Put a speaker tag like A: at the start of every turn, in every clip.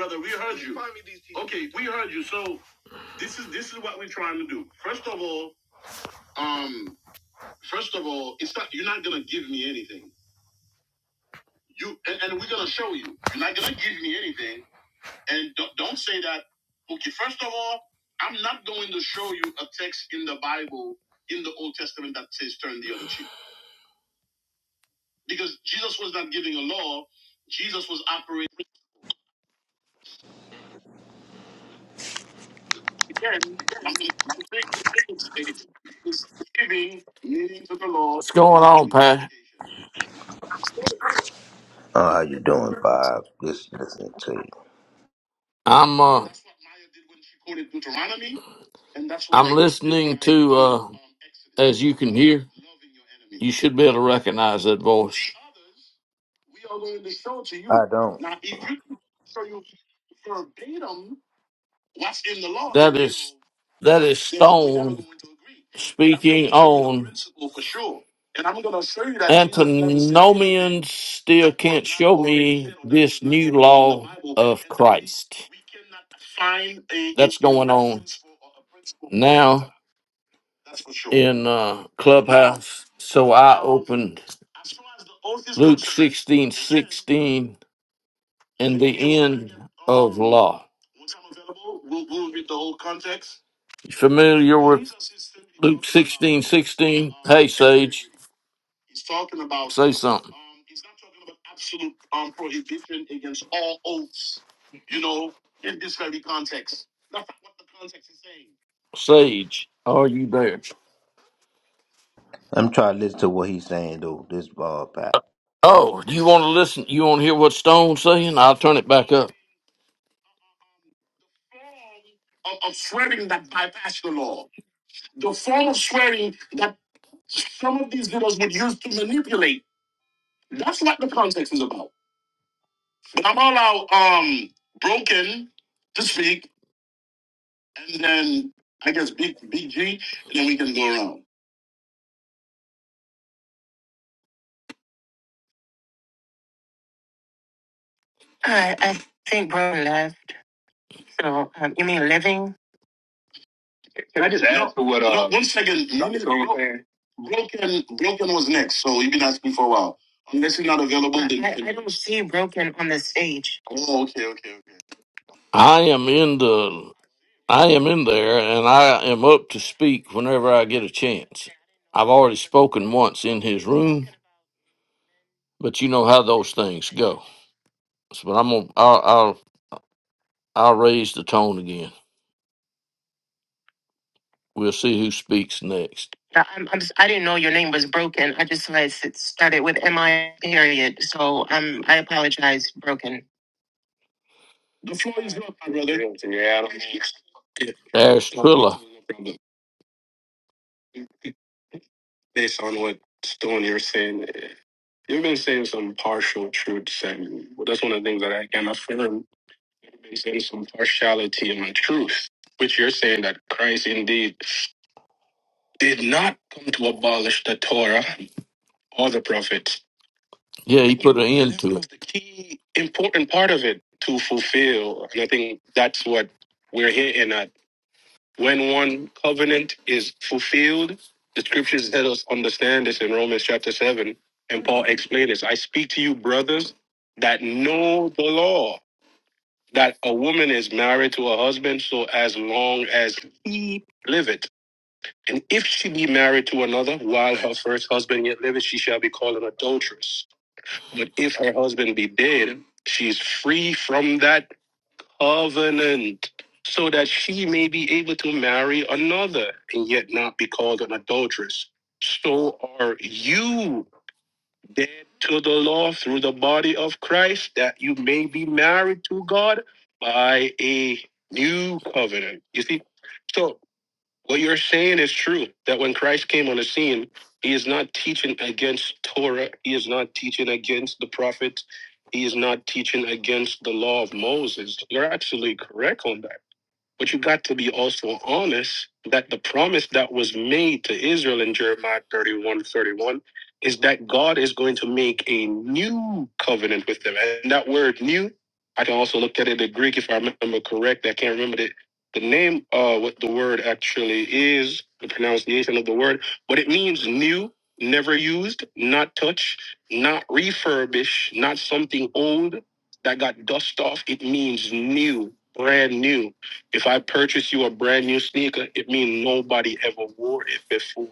A: brother. We heard, okay. We heard you. So this is this is what we're trying to do. First of all, um, first of all, it's not you're not gonna give me anything. You and, and we're gonna show you. You're not gonna give me anything. And don't, don't say that. Okay. First of all, I'm not going to show you a text in the Bible in the Old Testament that says turn the other cheek because Jesus was not giving a law. Jesus was operating again. is giving meaning to the law. What's going on, Pat?
B: Oh, how you doing, Bob? Just listening to you.
A: I'm uh, I'm listening to uh, as you can hear, you should be able to recognize that voice.
B: I don't.
A: What's in the law? That is that is Then we are Stone going to agree. And I'm going speaking to show you a on principle for sure. and I'm going to show you that Jesus never said anything antinomians still that was can't not show already me said or that was this not new given in the law Bible. of And so we Christ we cannot find a, a, that's a going a on principle or a principle for now antinomianism. That's for sure. in uh, Now, Clubhouse. So I now, opened as far as the oath is Luke concerned, 16 it says, 16 and the end of law. We'll, we'll read the whole context. You familiar with Luke sixteen sixteen? Hey, Sage. He's talking about Say something. Um, He's not talking about absolute um, prohibition against all oaths. You know, context. context That's not What the context is saying. Sage, are you there?
B: I'm trying to listen to what he's saying though. This ball back.
A: Oh, you want to listen? You want to hear what Stone's saying? I'll turn it back up. Of of swearing that bypass the law. The form of swearing that some of these leaders would use to manipulate. That's what the context is about. But I'm all out um broken to speak, and then I guess big big G, and then we can go around. I I think brother left. So um, you mean living? Uh, One second, no, broken broken was next, so you've been asking for a while. Unless you're not available, I, then I, I don't see broken on the stage. Oh, okay, okay, okay. I am in the I am in there and I am up to speak whenever I get a chance. I've already spoken once in his room, but you know how those things go. So, but I'm gonna, I'll, I'll, I'll raise the tone again. We'll see who speaks next. I- I'm, I'm just, I didn't know your name was broken. I just saw it s- started with M I period. So um, I apologize, broken. The floor is up, my brother. Yeah, I don't mean- There's No, Trilla. based on what Stone you're saying. You've been saying some partial truths, and that's one of the things that I can affirm. You've been saying some partiality and truth, which you're saying that Christ indeed did not come to abolish the Torah or the prophets. Yeah, he put an end That to was it. the key important part of it to fulfill, and I think that's what we're hitting at. When one covenant is fulfilled, the scriptures let us understand this in Romans chapter 7. And Paul explained this I speak to you, brothers, that know the law, that a woman is married to her husband so as long as he liveth. And if she be married to another while her first husband yet liveth, she shall be called an adulteress. But if her husband be dead, she is free from that covenant so that she may be able to marry another and yet not be called an adulteress. So are you dead to the law through the body of Christ that you may be married to God by a new covenant. You see? So what you're saying is true that when Christ came on the scene, he is not teaching against Torah, he is not teaching against the prophets, he is not teaching against the law of Moses. You're actually correct on that. But you got to be also honest that the promise that was made to Israel in Jeremiah 31 31 is that God is going to make a new covenant with them. And that word new, I can also look at it in Greek if I remember correct. I can't remember the, the name, uh, what the word actually is, the pronunciation of the word, but it means new, never used, not touched, not refurbished, not something old that got dust off. It means new, brand new if I purchase you a brand new sneaker, it means nobody ever wore it before.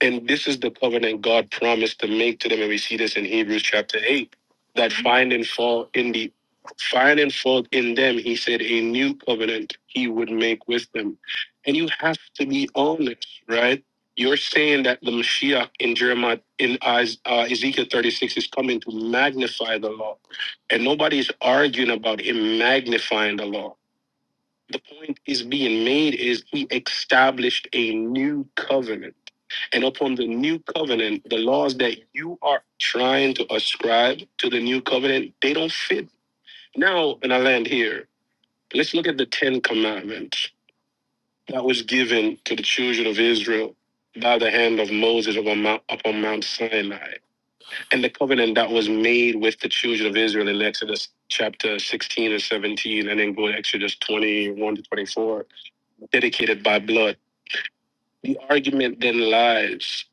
A: And this is the covenant God promised to make to them. And we see this in Hebrews chapter 8 that find and fall in the find and fall in them, he said, a new covenant he would make with them. And you have to be honest, right? You're saying that the Mashiach in Jeremiah, in Is- uh, Ezekiel 36, is coming to magnify the law. And nobody's arguing about him magnifying the law the point is being made is he established a new covenant. And upon the new covenant, the laws that you are trying to ascribe to the new covenant, they don't fit. Now, and I land here, let's look at the Ten Commandments that was given to the children of Israel by the hand of Moses upon Mount, upon Mount Sinai, and the covenant that was made with the children of Israel in Exodus chapter 16 and 17, and then go to Exodus 21 to 24, dedicated by blood. The argument then lies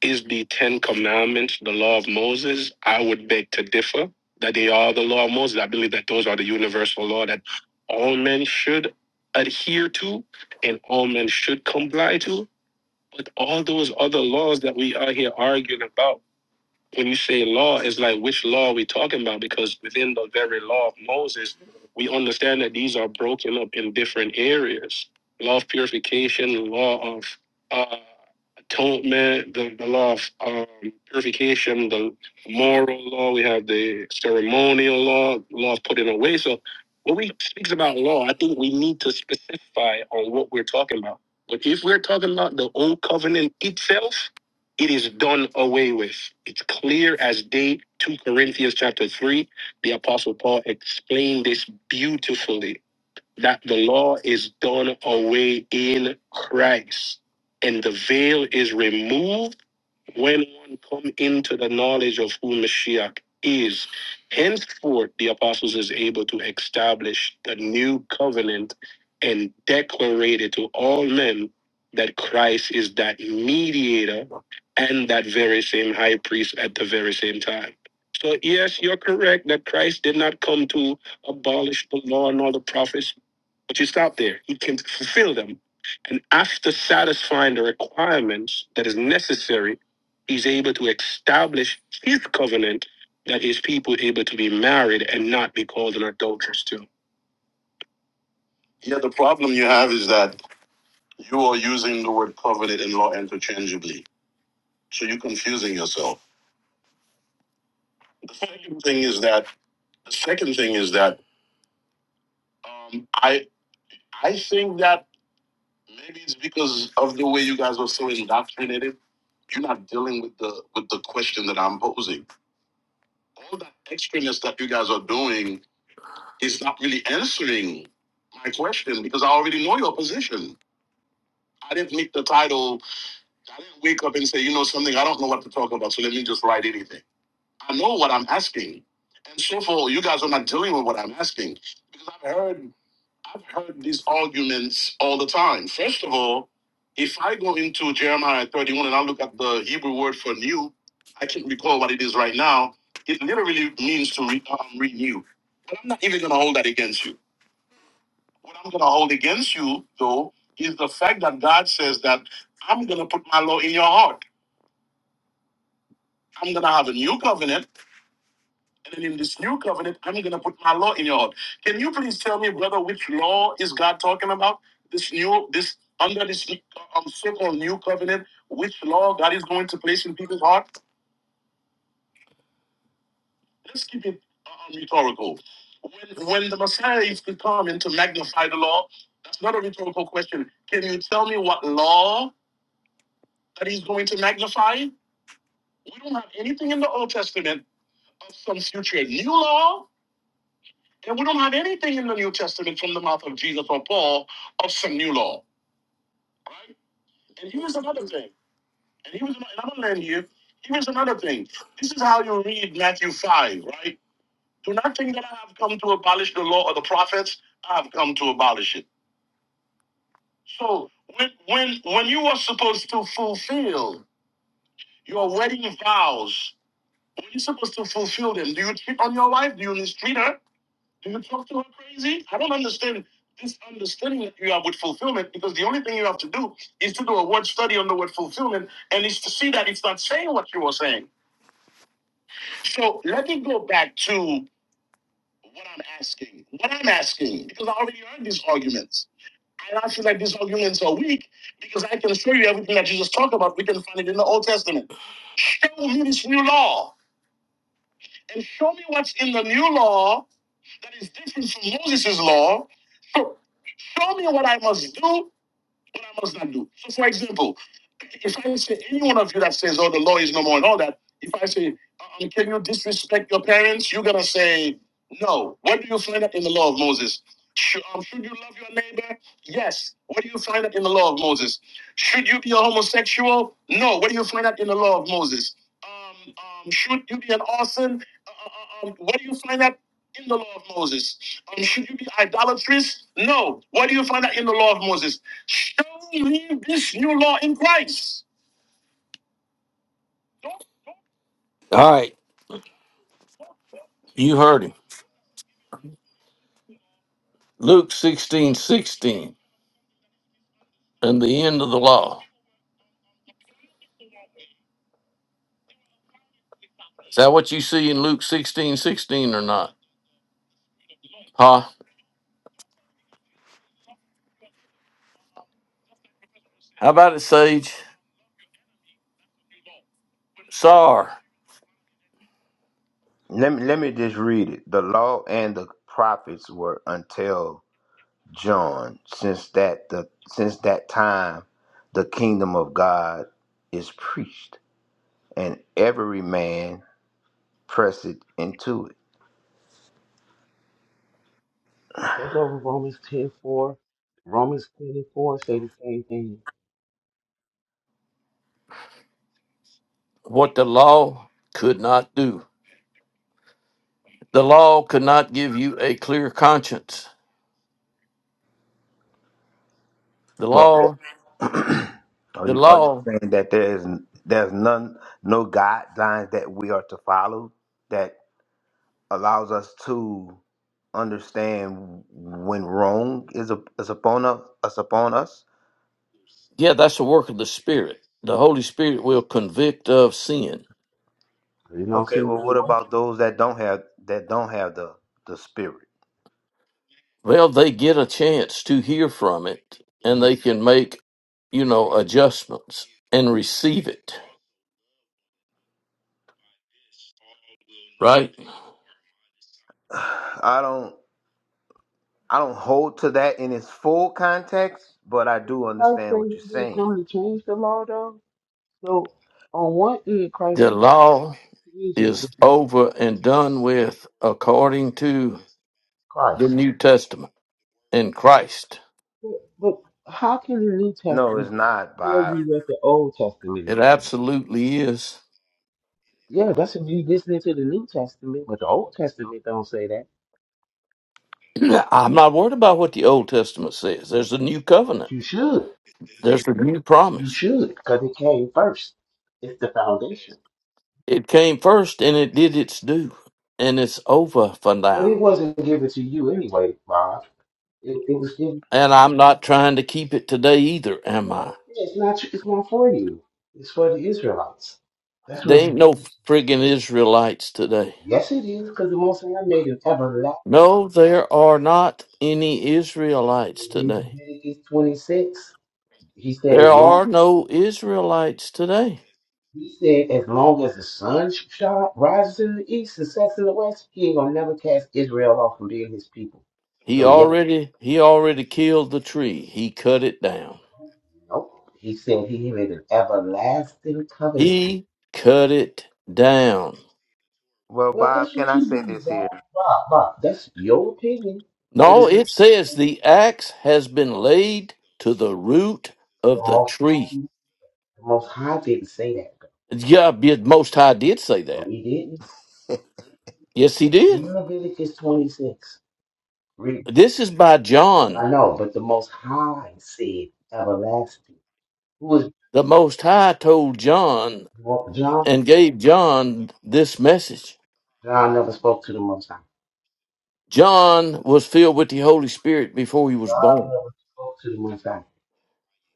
A: is the Ten Commandments the law of Moses? I would beg to differ that they are the law of Moses. I believe that those are the universal law that all men should adhere to and all men should comply to. But all those other laws that we are here arguing about when you say law, it's like which law are we talking about? Because within the very law of Moses, we understand that these are broken up in different areas. Law of purification, law of uh, atonement, the, the law of um, purification, the moral law, we have the ceremonial law, law of putting away. So when we speaks about law, I think we need to specify on what we're talking about. But if we're talking about the old covenant itself, it is done away with. It's clear as day. 2 Corinthians chapter 3, the Apostle Paul explained this beautifully that the law is done away in Christ, and the veil is removed when one come into the knowledge of who Mashiach is. Henceforth, the apostles is able to establish the new covenant and declare it to all men that Christ is that mediator and that very same high priest at the very same time. So yes, you're correct that Christ did not come to abolish the law and all the prophets, but you stop there. He can fulfill them. And after satisfying the requirements that is necessary, he's able to establish his covenant that his people are able to be married and not be called an adulteress too. Yeah, the problem you have is that you are using the word covenant and law interchangeably. So you're confusing yourself. The second thing is that the second thing is that um, I I think that maybe it's because of the way you guys are so indoctrinated You're not dealing with the with the question that I'm posing. All that extraness that you guys are doing is not really answering my question because I already know your position. I didn't make the title. I didn't wake up and say, you know something, I don't know what to talk about, so let me just write anything. I know what I'm asking. And so far, you guys are not dealing with what I'm asking. because I've heard. I've heard these arguments all the time. First of all, if I go into Jeremiah 31 and I look at the Hebrew word for new, I can't recall what it is right now. It literally means to re- um, renew. But I'm not even going to hold that against you. What I'm going to hold against you, though, is the fact that God says that I'm going to put my law in your heart. I'm going to have a new covenant And in this new covenant, I'm going to put my law in your heart. Can you please tell me, brother, which law is God talking about? This new, this under this um, so-called new covenant, which law God is going to place in people's heart? Let's keep it uh, um, rhetorical. When, when the Messiah is to come and to magnify the law, that's not a rhetorical question. Can you tell me what law that he's going to magnify? We don't have anything in the Old Testament of some future new law then we don't have anything in the New Testament from the mouth of Jesus or Paul of some new law. Right? And here's another thing. And here's another, and I'm gonna land here. Here's another thing. This is how you read Matthew 5, right? Do not think that I have come to abolish the law or the prophets. I have come to abolish it. So when when when you are supposed to fulfill your wedding vows, when you're supposed to fulfill them, do you cheat on your wife? Do you mistreat her? Do you talk to her crazy? I don't understand this understanding that you have with fulfillment because the only thing you have to do is to do a word study on the word fulfillment and is to see that it's not saying what you were saying. So let me go back to what I'm asking. What I'm asking, because I already heard these arguments. And I feel like these arguments are weak because I can show you everything that Jesus talked about. We can find it in the Old Testament. Show me this new law and show me what's in the new law that is different from Moses' law so show me what I must do What I must not do. So, for example, if I say any one of you that says, "Oh, the law is no more," and all that, if I say, um, "Can you disrespect your parents?" You're gonna say, "No." What do you find out in the law of Moses? Should, um, should you love your neighbor? Yes. What do you find out in the law of Moses? Should you be a homosexual? No. What do you find out in the law of Moses? Um, um, should you be an arson? Uh, uh, uh, um, what do you find out in the law of Moses? Um, should you be idolatrous? No. What do you find out in the law of Moses? Show you this new law in Christ. All right, you heard him. Luke 16 16, and the end of the law. Is that what you see in Luke 16 16, or not? Huh? How about it, Sage? Sar,
B: Let me let me just read it. The law and the prophets were until John. Since that the since that time, the kingdom of God is preached, and every man presseth into it.
C: Take over Romans ten four. Romans 10 and 4 say the same thing.
A: what the law could not do. The law could not give you a clear conscience. The
B: Well,
A: law,
B: are
A: the
B: you are you
A: law,
B: saying that there is there's none no guidelines that we are to follow that allows us to? understand when wrong is up is upon us is upon us.
A: yeah, that's the work of the Spirit. The Holy Spirit will convict of sin.
C: You don't
B: Okay,
C: seem to
B: well, what
C: be what
B: about those that don't have that don't have the the spirit?
A: Well, they get a chance to hear from it and
B: Mhm.
A: they can make, you know, adjustments and receive it, right?
B: I don't I don't hold to that in its full context, but I do
C: Christ
B: understand
C: say
B: what
C: he
B: you're
C: didn't
B: saying.
C: come to change the law though. So on one end Christ
A: The
C: is
A: law
C: changing the
A: is over and done with according to
C: Christ.
A: the New Testament and Christ.
C: But, but how can the New
B: No, it's
C: Testament
B: not,
C: tell
B: Bob.
C: you what the Old Testament is
A: It
C: saying?
A: absolutely is.
C: Yeah, that's if you listening to the New Testament, but the Old Testament don't say that.
A: I'm not worried about what the Old Testament says. There's a new
C: But
A: covenant,
C: you should.
A: there's a new
C: You
A: promise.
C: should, because it came first. It's the foundation.
A: It came first and it did its due, and it's over for
C: But it
A: now.
C: wasn't given to you anyway, Bob. It, it was given
A: And I'm not trying to keep it today either, am
C: Yeah,
A: I?
C: It's not. It's not for you. It's for the Israelites. That's what
A: They
C: it's
A: ain't no
C: getting.
A: friggin' Israelites today.
C: Yes, it is, because the Most High made an everlasting.
A: No, there are not any Israelites
C: in
A: today.
C: Leviticus twenty-six. He said, as
A: There
C: long
A: are no Israelites today.
C: he said, as long as the sun sh- shine, rises in the east and sets in the west, he ain't gonna never cast Israel off from being his people.
A: He
C: So yeah,
A: already he already killed the tree. He cut it down.
C: no. He said he made an everlasting covenant. with-
A: He cut it down.
B: Well,
C: Well, that's
B: Bob, can
C: what
B: I
C: you
B: say
C: do,
B: this
C: Bob.
B: here?
C: Bob, Bob. That's your opinion, but
A: No,
C: it's not
A: it says
C: the
A: the axe has been laid to the root of the
C: Most
A: tree.
C: High. The Most High didn't say that.
A: Yeah, the Most High did say
C: No,
A: that.
C: he didn't.
B: so,
A: Yes, he did.
C: Read Leviticus 26. Read.
A: This is by John.
C: I know, but the Most High said everlasting. Who was
A: The Most High told John
C: well, John?
A: and gave John this message.
C: John never spoke to the Most High.
A: John was filled with the Holy Spirit before he was
C: John
A: born.
C: never spoke to the Most High.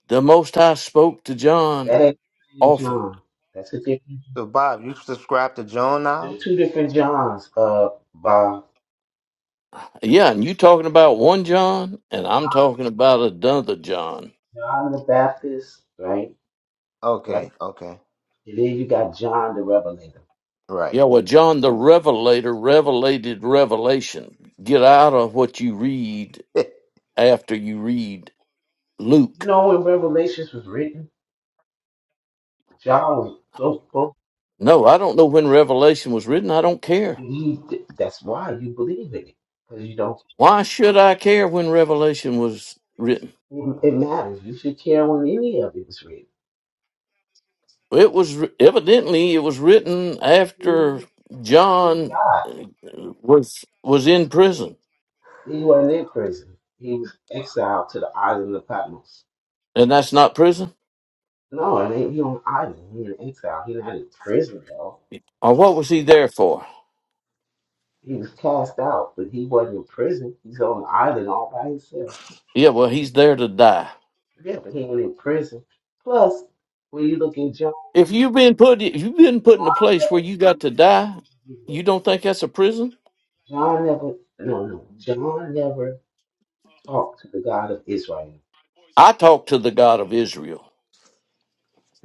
A: The Most High spoke to
C: That
A: John
C: ain't the same
A: often.
C: John. That's a different.
B: Bob, you subscribe to John now?
C: There's two different Johns. Uh, by
A: Yeah, and you talking about one John, and I'm talking about another John.
C: John the Baptist, right?
B: Okay,
C: Right.
B: okay,
C: And then you got John the Revelator.
B: right.
A: Yeah, well, John the Revelator revelated revelation. Get out of what you read after you read
C: You
A: Luke.
C: know when Revelations was written, John was so close.
A: No, I don't know when Revelation was written. I don't care.
C: You, that's why you believe in it because you don't.
A: Why should I care when Revelation was written?
C: It it matters. You should care when any of it was written.
A: It was evidently it was written after
C: You
A: John
C: God,
A: uh, was was in prison,
C: he wasn't in prison. He was exiled to the island of Patmos.
A: and that's not prison.
C: No, it ain't he on the island. He in exile. He not in prison, y'all.
A: Or what was he there for?
C: He was cast out, but he wasn't in prison. He's on the island all by himself.
A: Yeah, well, he's there to die.
C: Yeah, but he ain't in prison. Plus, when you look at John,
A: If you've been put, if you've been put in a place where you got to die, you don't think that's a prison?
C: John never, John never no, no, John never talked to the God of Israel.
A: I talked to the God of Israel.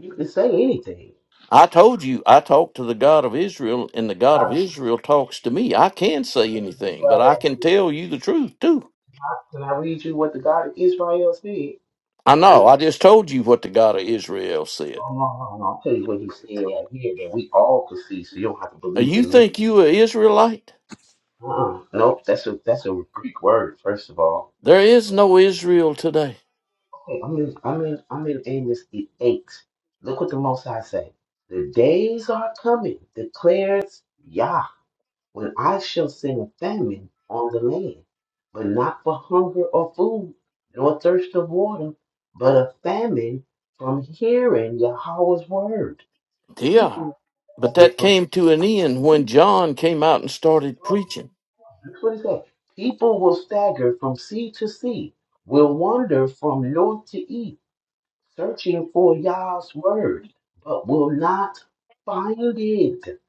C: You can say anything.
A: I told you I talked to the God of Israel, and the God of
C: God,
A: Israel talks to me. I can say anything, but I
C: Israel,
A: can
C: said,
A: tell you the truth too.
C: how can I read you what the God of Israel said?
A: I
C: Because
A: know. I just told you what the God of Israel said.
C: no, no, no, no. I'll tell you what he said right here that we all can see, so you don't have to
A: Uh,
C: believe
A: You
C: in me.
A: think you are Israelite?
C: Uh-uh. Nope, that's a that's a Greek word, first of all.
A: There is no Israel today.
C: Okay, I'm in I'm in I'm in Amos eight. Look what the Most High say. The days are coming, declares Yah. when I shall send a famine on the land, but not for hunger or food, nor thirst of water, but a famine from hearing Yahweh's word.
A: Yeah.
C: People
A: But
C: stagger
A: that
C: from
A: came to an end when John came out and started preaching.
C: that's what it says. People will stagger from sea to sea, will wander from north to east, searching for Yah's word, but will not find it.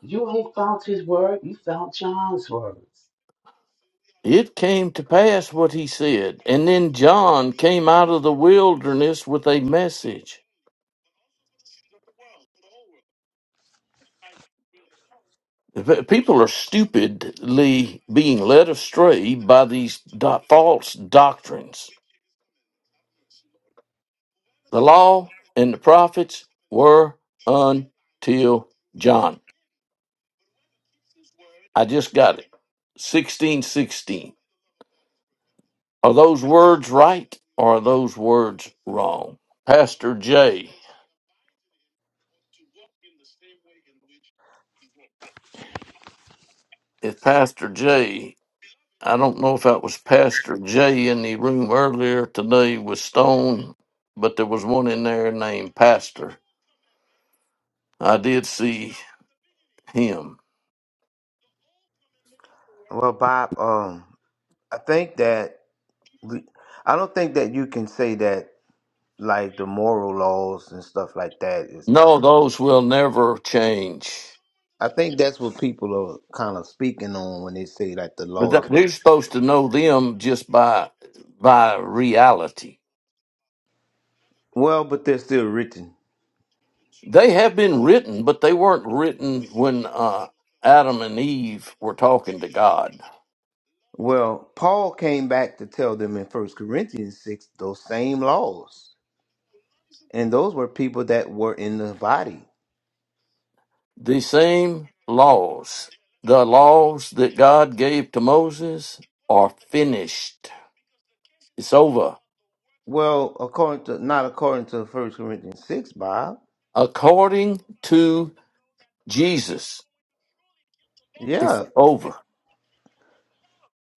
C: You ain't found his word, you found John's words.
A: It came to pass what he said. And then John came out of the wilderness with a message. P- People are stupidly being led astray by these do- false doctrines. The law and the prophets were until John. I just got it. 1616. Are those words right or are those words wrong? Pastor J. If Pastor J, I don't know if that was Pastor J in the room earlier today with Stone, but there was one in there named Pastor. I did see him.
B: well, Bob, um, I think that we, I don't think that you can say that like the moral laws and stuff like that is done.
A: No, those will never change.
B: I think that's what people are kind of speaking on when they say like the
A: But
B: law
A: that,
B: is
A: they're supposed to know them just by by reality
B: well, but they're still written.
A: They have been written, but they weren't written when uh, Adam and Eve were talking to God.
B: Well, Paul came back to tell them in First Corinthians six those same laws, and those were people that were in the body.
A: The same laws, the laws that God gave to Moses, are finished. It's over.
B: Well, according to not according to First Corinthians six, Bob.
A: According to Jesus, it's
B: Yeah.
A: over.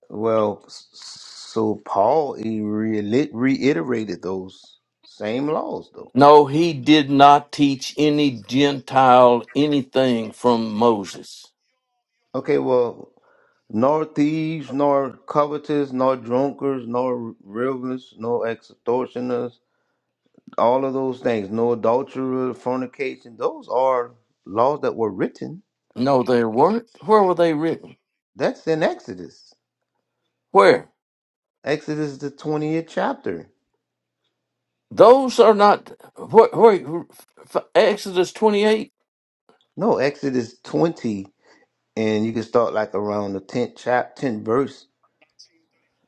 B: Well, s- so Paul he re reiterated those same laws though.
A: No, he did not teach any Gentile anything from Moses.
B: Okay, well, nor thieves, nor covetous, nor drunkards, nor rivers, nor extortioners, all of those things, no adulterer, fornication, those are laws that were written.
A: No, they weren't. Where were they written?
B: That's in Exodus.
A: Where?
B: Exodus the 20th chapter.
A: Those are not where, where f- Exodus 28.
B: No, Exodus 20, and you can start like around the 10th chap 10th verse,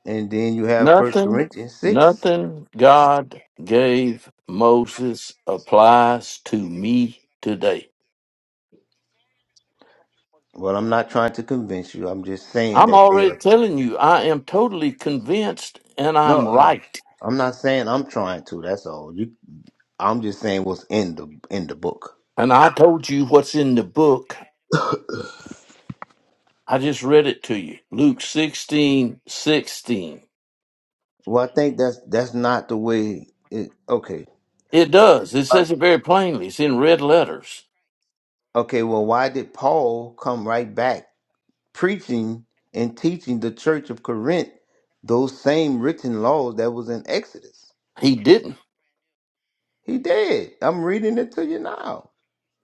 B: and then you have First
A: Nothing,
B: Corinthians 6.
A: nothing God gave Moses applies to me today.
B: Well, I'm not trying to convince you. I'm just saying
A: I'm
B: that they
A: already
B: are there.
A: telling you, I am totally convinced and I'm
B: No, no.
A: right.
B: I'm not saying I'm trying to. That's all. You, I'm just saying what's in the in the book.
A: And I told you what's in the book. I just read it to you. Luke 16 16.
B: Well, I think that's that's not the way. It, okay,
A: It does. It says it very plainly. It's in red letters.
B: okay. Well, why did Paul come right back preaching and teaching the church of Corinth those same written laws that was in Exodus?
A: He didn't
B: He did. I'm reading it to you now.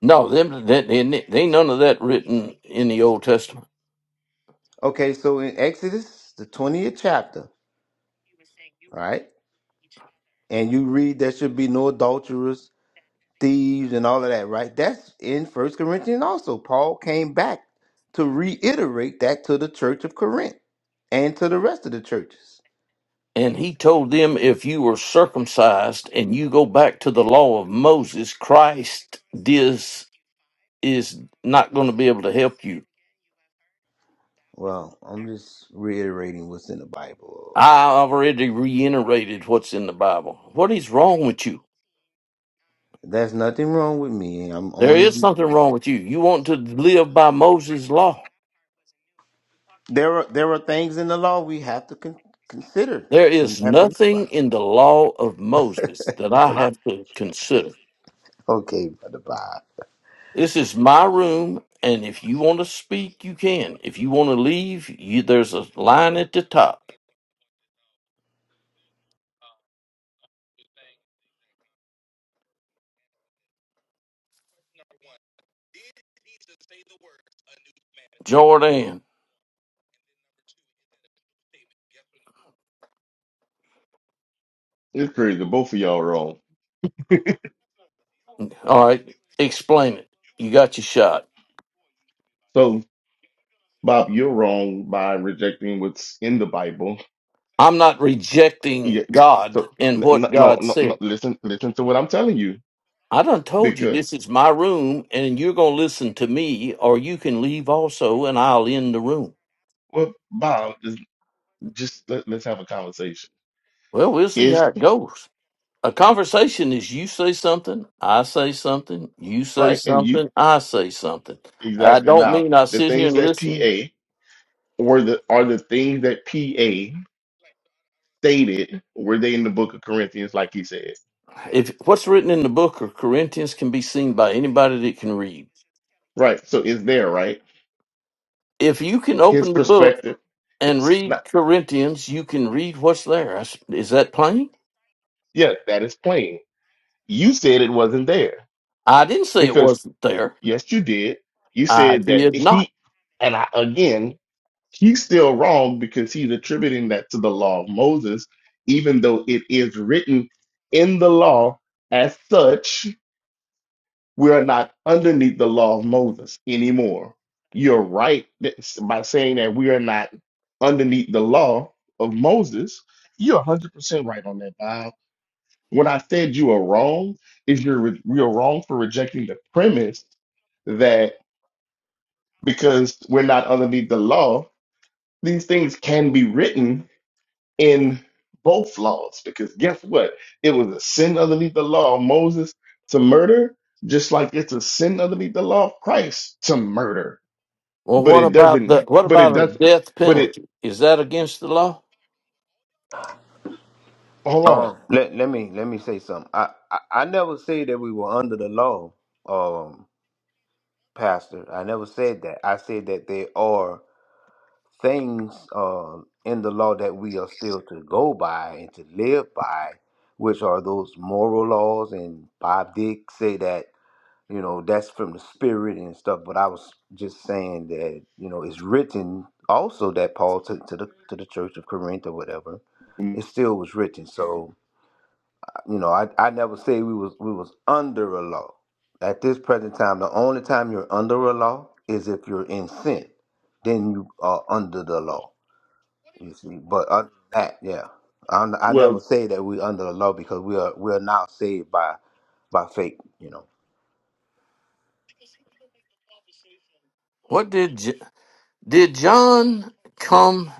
A: No, them that they, they ain't none of that written in the Old Testament.
B: Okay, so in Exodus, the 20th chapter, right? And you read there should be no adulterers, thieves and all of that, right? That's in First Corinthians also. Paul came back to reiterate that to the church of Corinth and to the rest of the churches.
A: And he told them, if you were circumcised and you go back to the law of Moses, Christ this is not going to be able to help you.
B: Well, I'm just reiterating what's in the Bible.
A: I already reiterated what's in the Bible. What is wrong with you?
B: There's nothing wrong with me. I'm
A: There
B: only
A: is something
B: reading.
A: wrong with you. You want to live by Moses' law.
B: there are there are things in the law we have to con- consider.
A: There
B: We
A: is
B: have to live
A: nothing
B: by.
A: in the law of Moses that I have to consider.
B: okay, brother Bob.
A: This is my room, and if you want to speak, you can. If you want to leave, you, there's a line at the top. Jordan,
D: It's crazy. Both of y'all are wrong.
A: all right, explain it. You got your shot.
D: So, Bob, you're wrong by rejecting what's in the Bible.
A: I'm not
D: Yeah.
A: rejecting
D: So,
A: God and
D: n-
A: what
D: n- no,
A: God
D: no, no.
A: said.
D: Listen, listen to what I'm telling you.
A: I done told you
D: Because,
A: this is my room, and you're going to listen to me, or you can leave also, and I'll end the room.
D: well, Bob, just, just let, let's have a conversation.
A: Well, we'll see how
D: Is
A: it goes. A conversation is you say something, I say something, you say
D: right, and you
A: something, I say something. I
D: exactly
A: don't
D: now
A: mean I
D: the
A: sit here
D: things
A: and
D: that
A: listen.
D: PA or the are the things that PA stated were they in the Book of Corinthians, like he said.
A: If what's written in the book of Corinthians can be seen by anybody that can read.
D: Right. So, it's there, right?
A: If you can
D: His
A: open the book
D: perspective.
A: and
D: It's not.
A: read Corinthians, you can read what's there. I s- Is that plain?
D: Yeah, that is plain You said it wasn't there
A: I didn't say it
D: because
A: wasn't there.
D: yes, you did. You
A: I
D: said that
A: did not.
D: he, and I, again, he's still wrong because he's attributing that to the law of Moses, even though it is written in the law as such. We are not underneath the law of Moses anymore. You're right that- by saying that we are not underneath the law of Moses. You're 100% right on that, Bob when I said you are wrong, is you're re- you're wrong for rejecting the premise that because we're not underneath the law, these things can be written in both laws. Because guess what? It was a sin underneath the law of Moses to murder, just like it's a sin underneath the law of Christ to murder.
A: Well,
D: But
A: what
D: it
A: about
D: doesn't,
A: the what
D: but it
A: about a
D: doesn't,
A: death
D: but it,
A: penalty? Is that against the law?
D: hold
B: Um, let let me let me say something. I, I I never say that we were under the law. Um, Pastor. I never said that. I said that there are things uh, in the law that we are still to go by and to live by, which are those moral laws. And Bob did say that, you know, that's from the spirit and stuff. But I was just saying that, you know, it's written also that Paul took to the to the church of Corinth or whatever.
D: on.
B: It still was written. So. You know, I, I never say we was we was under a law. At this present time, the only time you're under a law is if you're in sin. Then you are under the law. You see, but other than that, yeah, I, I
D: Well.
B: never say that we under the law because we are we are now saved by by faith. You know,
A: What did J- did John come?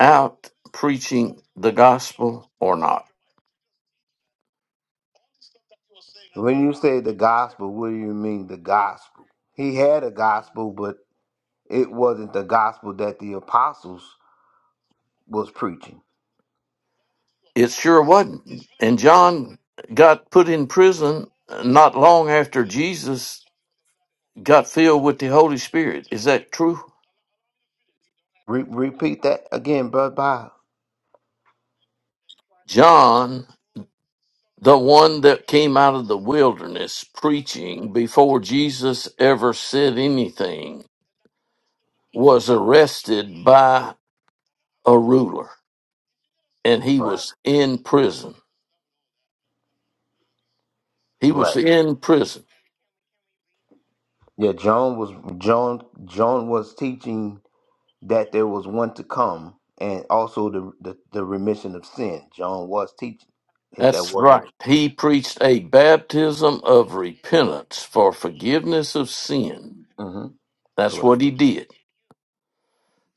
A: out preaching the gospel or not.
B: when you say the gospel, what do you mean the gospel? He had a gospel, but it wasn't the gospel that the apostles was preaching.
A: It sure wasn't. And John got put in prison not long after Jesus got filled with the Holy Spirit. Is that true?
B: Re- repeat that again, brother. Bob.
A: John, the one that came out of the wilderness preaching before Jesus ever said anything, was arrested by a ruler and he
B: Right.
A: was in prison. He was
B: Right.
A: in prison.
B: Yeah, John was John. John was teaching that there was one to come, and also the the, the remission of sin. John was teaching If that
A: That's
B: wasn't
A: right. He preached a baptism of repentance for forgiveness of sin.
B: hmm
A: That's
B: correct.
A: what he did.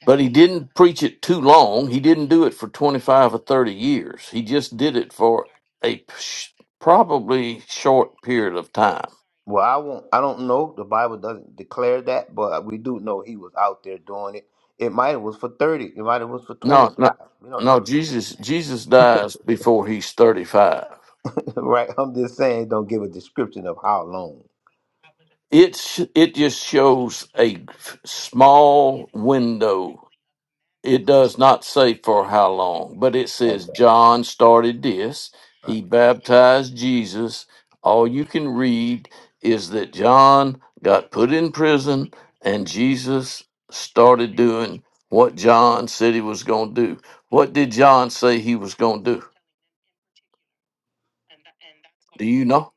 A: But he didn't preach it too long. He didn't do it for 25 or 30 years. He just did it for a sh- probably short period of time.
B: Well, I won't. I don't know. The Bible doesn't declare that, but we do know he was out there doing it. It might have was for thirty. It might have was for twenty
A: No, no,
B: five. We don't
A: no,
B: know,
A: Jesus Jesus dies before he's 35.
B: right? I'm just saying, don't give a description of how long.
A: It's it just shows a small window It does not say for how long, but it
B: Like
A: says
B: that,
A: John started this.
B: right?
A: He baptized Jesus. All you can read is that John got put in prison and Jesus started doing what John said he was going to do. What did John say he was going to do? Do you know?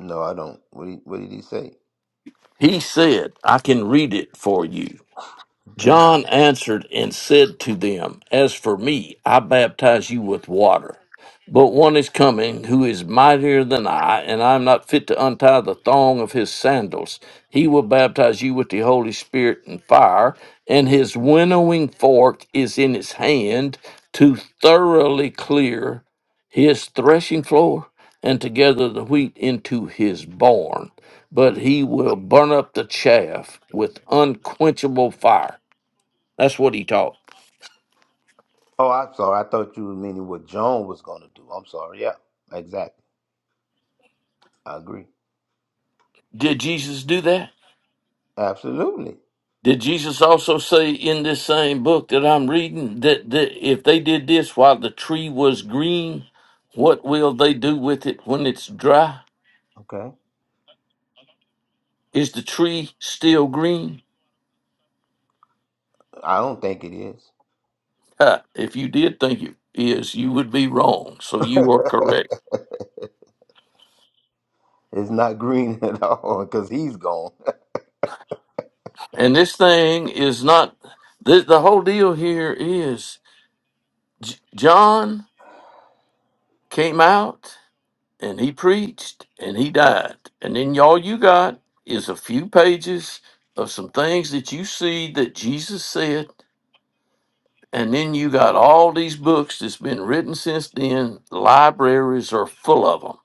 B: No, I don't. What did, what did he say?
A: He said, I can read it for you.
B: Okay.
A: John answered and said to them, As for me, I baptize you with water. But one is coming who is mightier than I, and I am not fit to untie the thong of his sandals. He will baptize you with the Holy Spirit and fire, and his winnowing fork is in his hand to thoroughly clear his threshing floor and to gather the wheat into his barn. But he will burn up the chaff with unquenchable fire. That's what he taught.
B: Oh, I'm sorry. I thought you were meaning what Joan was going to do. I'm sorry. Yeah, exactly. I agree.
A: Did Jesus do that?
B: Absolutely.
A: Did Jesus also say in this same book that I'm reading that, that if they did this while the tree was green, what will they do with it when it's dry?
B: Okay.
A: Is the tree still green?
B: I don't think it is.
A: Ha, if you did think it is, you would be wrong. So you are correct.
B: It's not green at all because he's gone.
A: And this thing is not, the, the whole deal here is J- John came out and he preached and he died. And then all you got is a few pages of some things that you see that Jesus said. And then you got all these books that's been written since then. Libraries are full of them.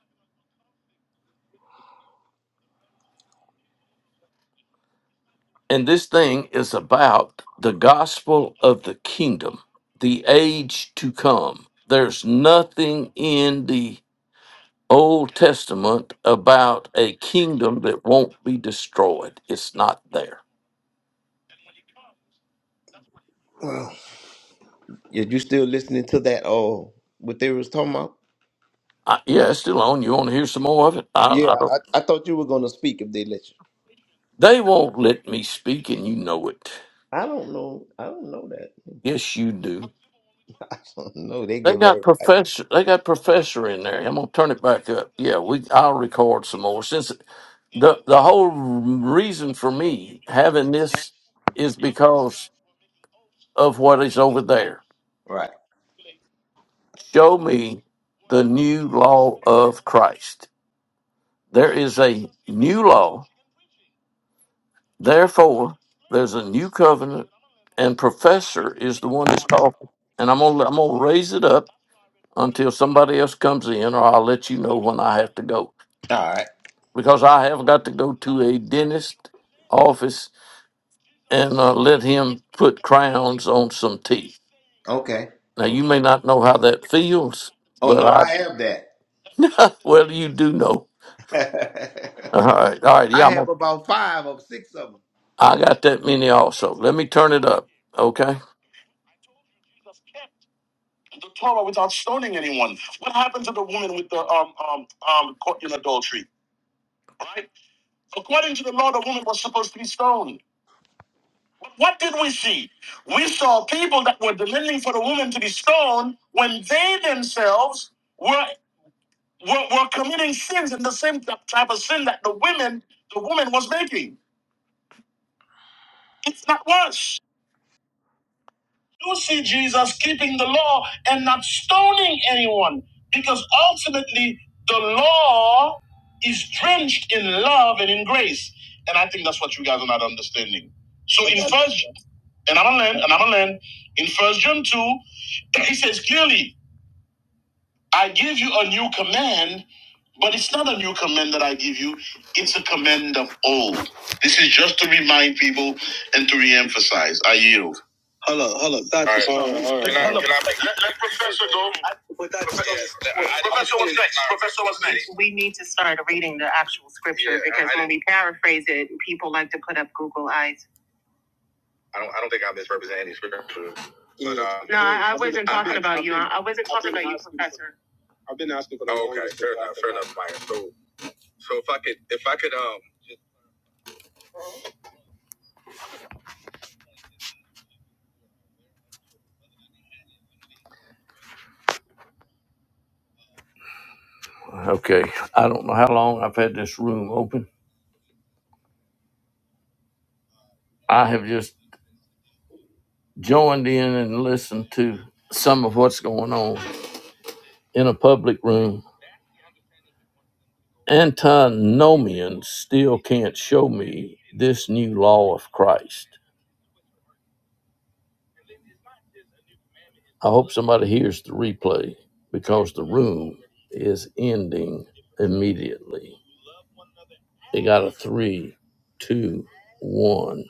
A: And this thing is about the gospel of the kingdom, the age to come. There's nothing in the Old Testament about a kingdom that won't be destroyed. It's not there.
B: Yeah, you still listening to that? Oh, what they was talking about?
A: I, yeah, it's still on. You want to hear some more of it? I, I
B: Yeah,
A: don't.
B: I, I thought you were going to speak if they let you.
A: They won't let me speak, and you know it.
B: I don't know. I don't know that.
A: Yes, you do.
B: I don't know. They
A: They
B: give
A: got
B: everybody.
A: professor. They got professor in there. I'm gonna turn it back up. Yeah, we. I'll record some more. Since the the whole reason for me having this is because of what is over there.
B: Right.
A: Show me the new law of Christ. There is a new law Therefore, there's a new covenant, and professor is the one that's talking. And I'm gonna I'm gonna raise it up until somebody else comes in, or I'll let you know when I have to go
B: All right.
A: because I have got to go to a dentist office and uh, let him put crowns on some teeth.
B: Okay.
A: Now you may not know how that feels,
B: Oh,
A: but
B: no, I have
A: I well you do know. All
B: that.
A: right, all right,
B: I
A: yeah, I'm
B: have
A: gonna,
B: about five or six of them.
A: I got that many also. Let me turn it up, okay? the Torah without stoning anyone. What happened to the woman with the um um um caught in adultery? Right? According to the law, the woman was supposed to be stoned. But what did we see? We saw people that were demanding for the woman to be stoned when they themselves were were, were committing sins in the same type of sin that the women the woman was making. It's not worse. do see Jesus keeping the law and not stoning anyone because ultimately the law is drenched in love and in grace. And I think that's what you guys are not understanding. So in first and I'm gonna land, and I'm gonna land, in first John 2, he says clearly, I give you a new command, but it's not a new command that I give you, it's a command of old. This is just to remind people and to re-emphasize. I yield. Hold up, hold up, Doctor. All right. All right, all right. Can I, can I we need to start reading the actual scripture Yeah, because I- when we paraphrase it, people like to put up Google eyes. I don't. I don't think I misrepresented any scripture. But, um, no, I, I wasn't I, talking I, about I, you. I, I wasn't I, talking I, about I, you, Professor. I've been asking for. the Oh, okay, fair enough. Fair enough, Maya. So, so if I could, if I could, um, Okay. I don't know how long I've had this room open. I have just joined in and listened to some of what's going on in a public room. Antinomians still can't show me this new law of Christ. I hope somebody hears the replay because the room is ending immediately. They got a three, two, one.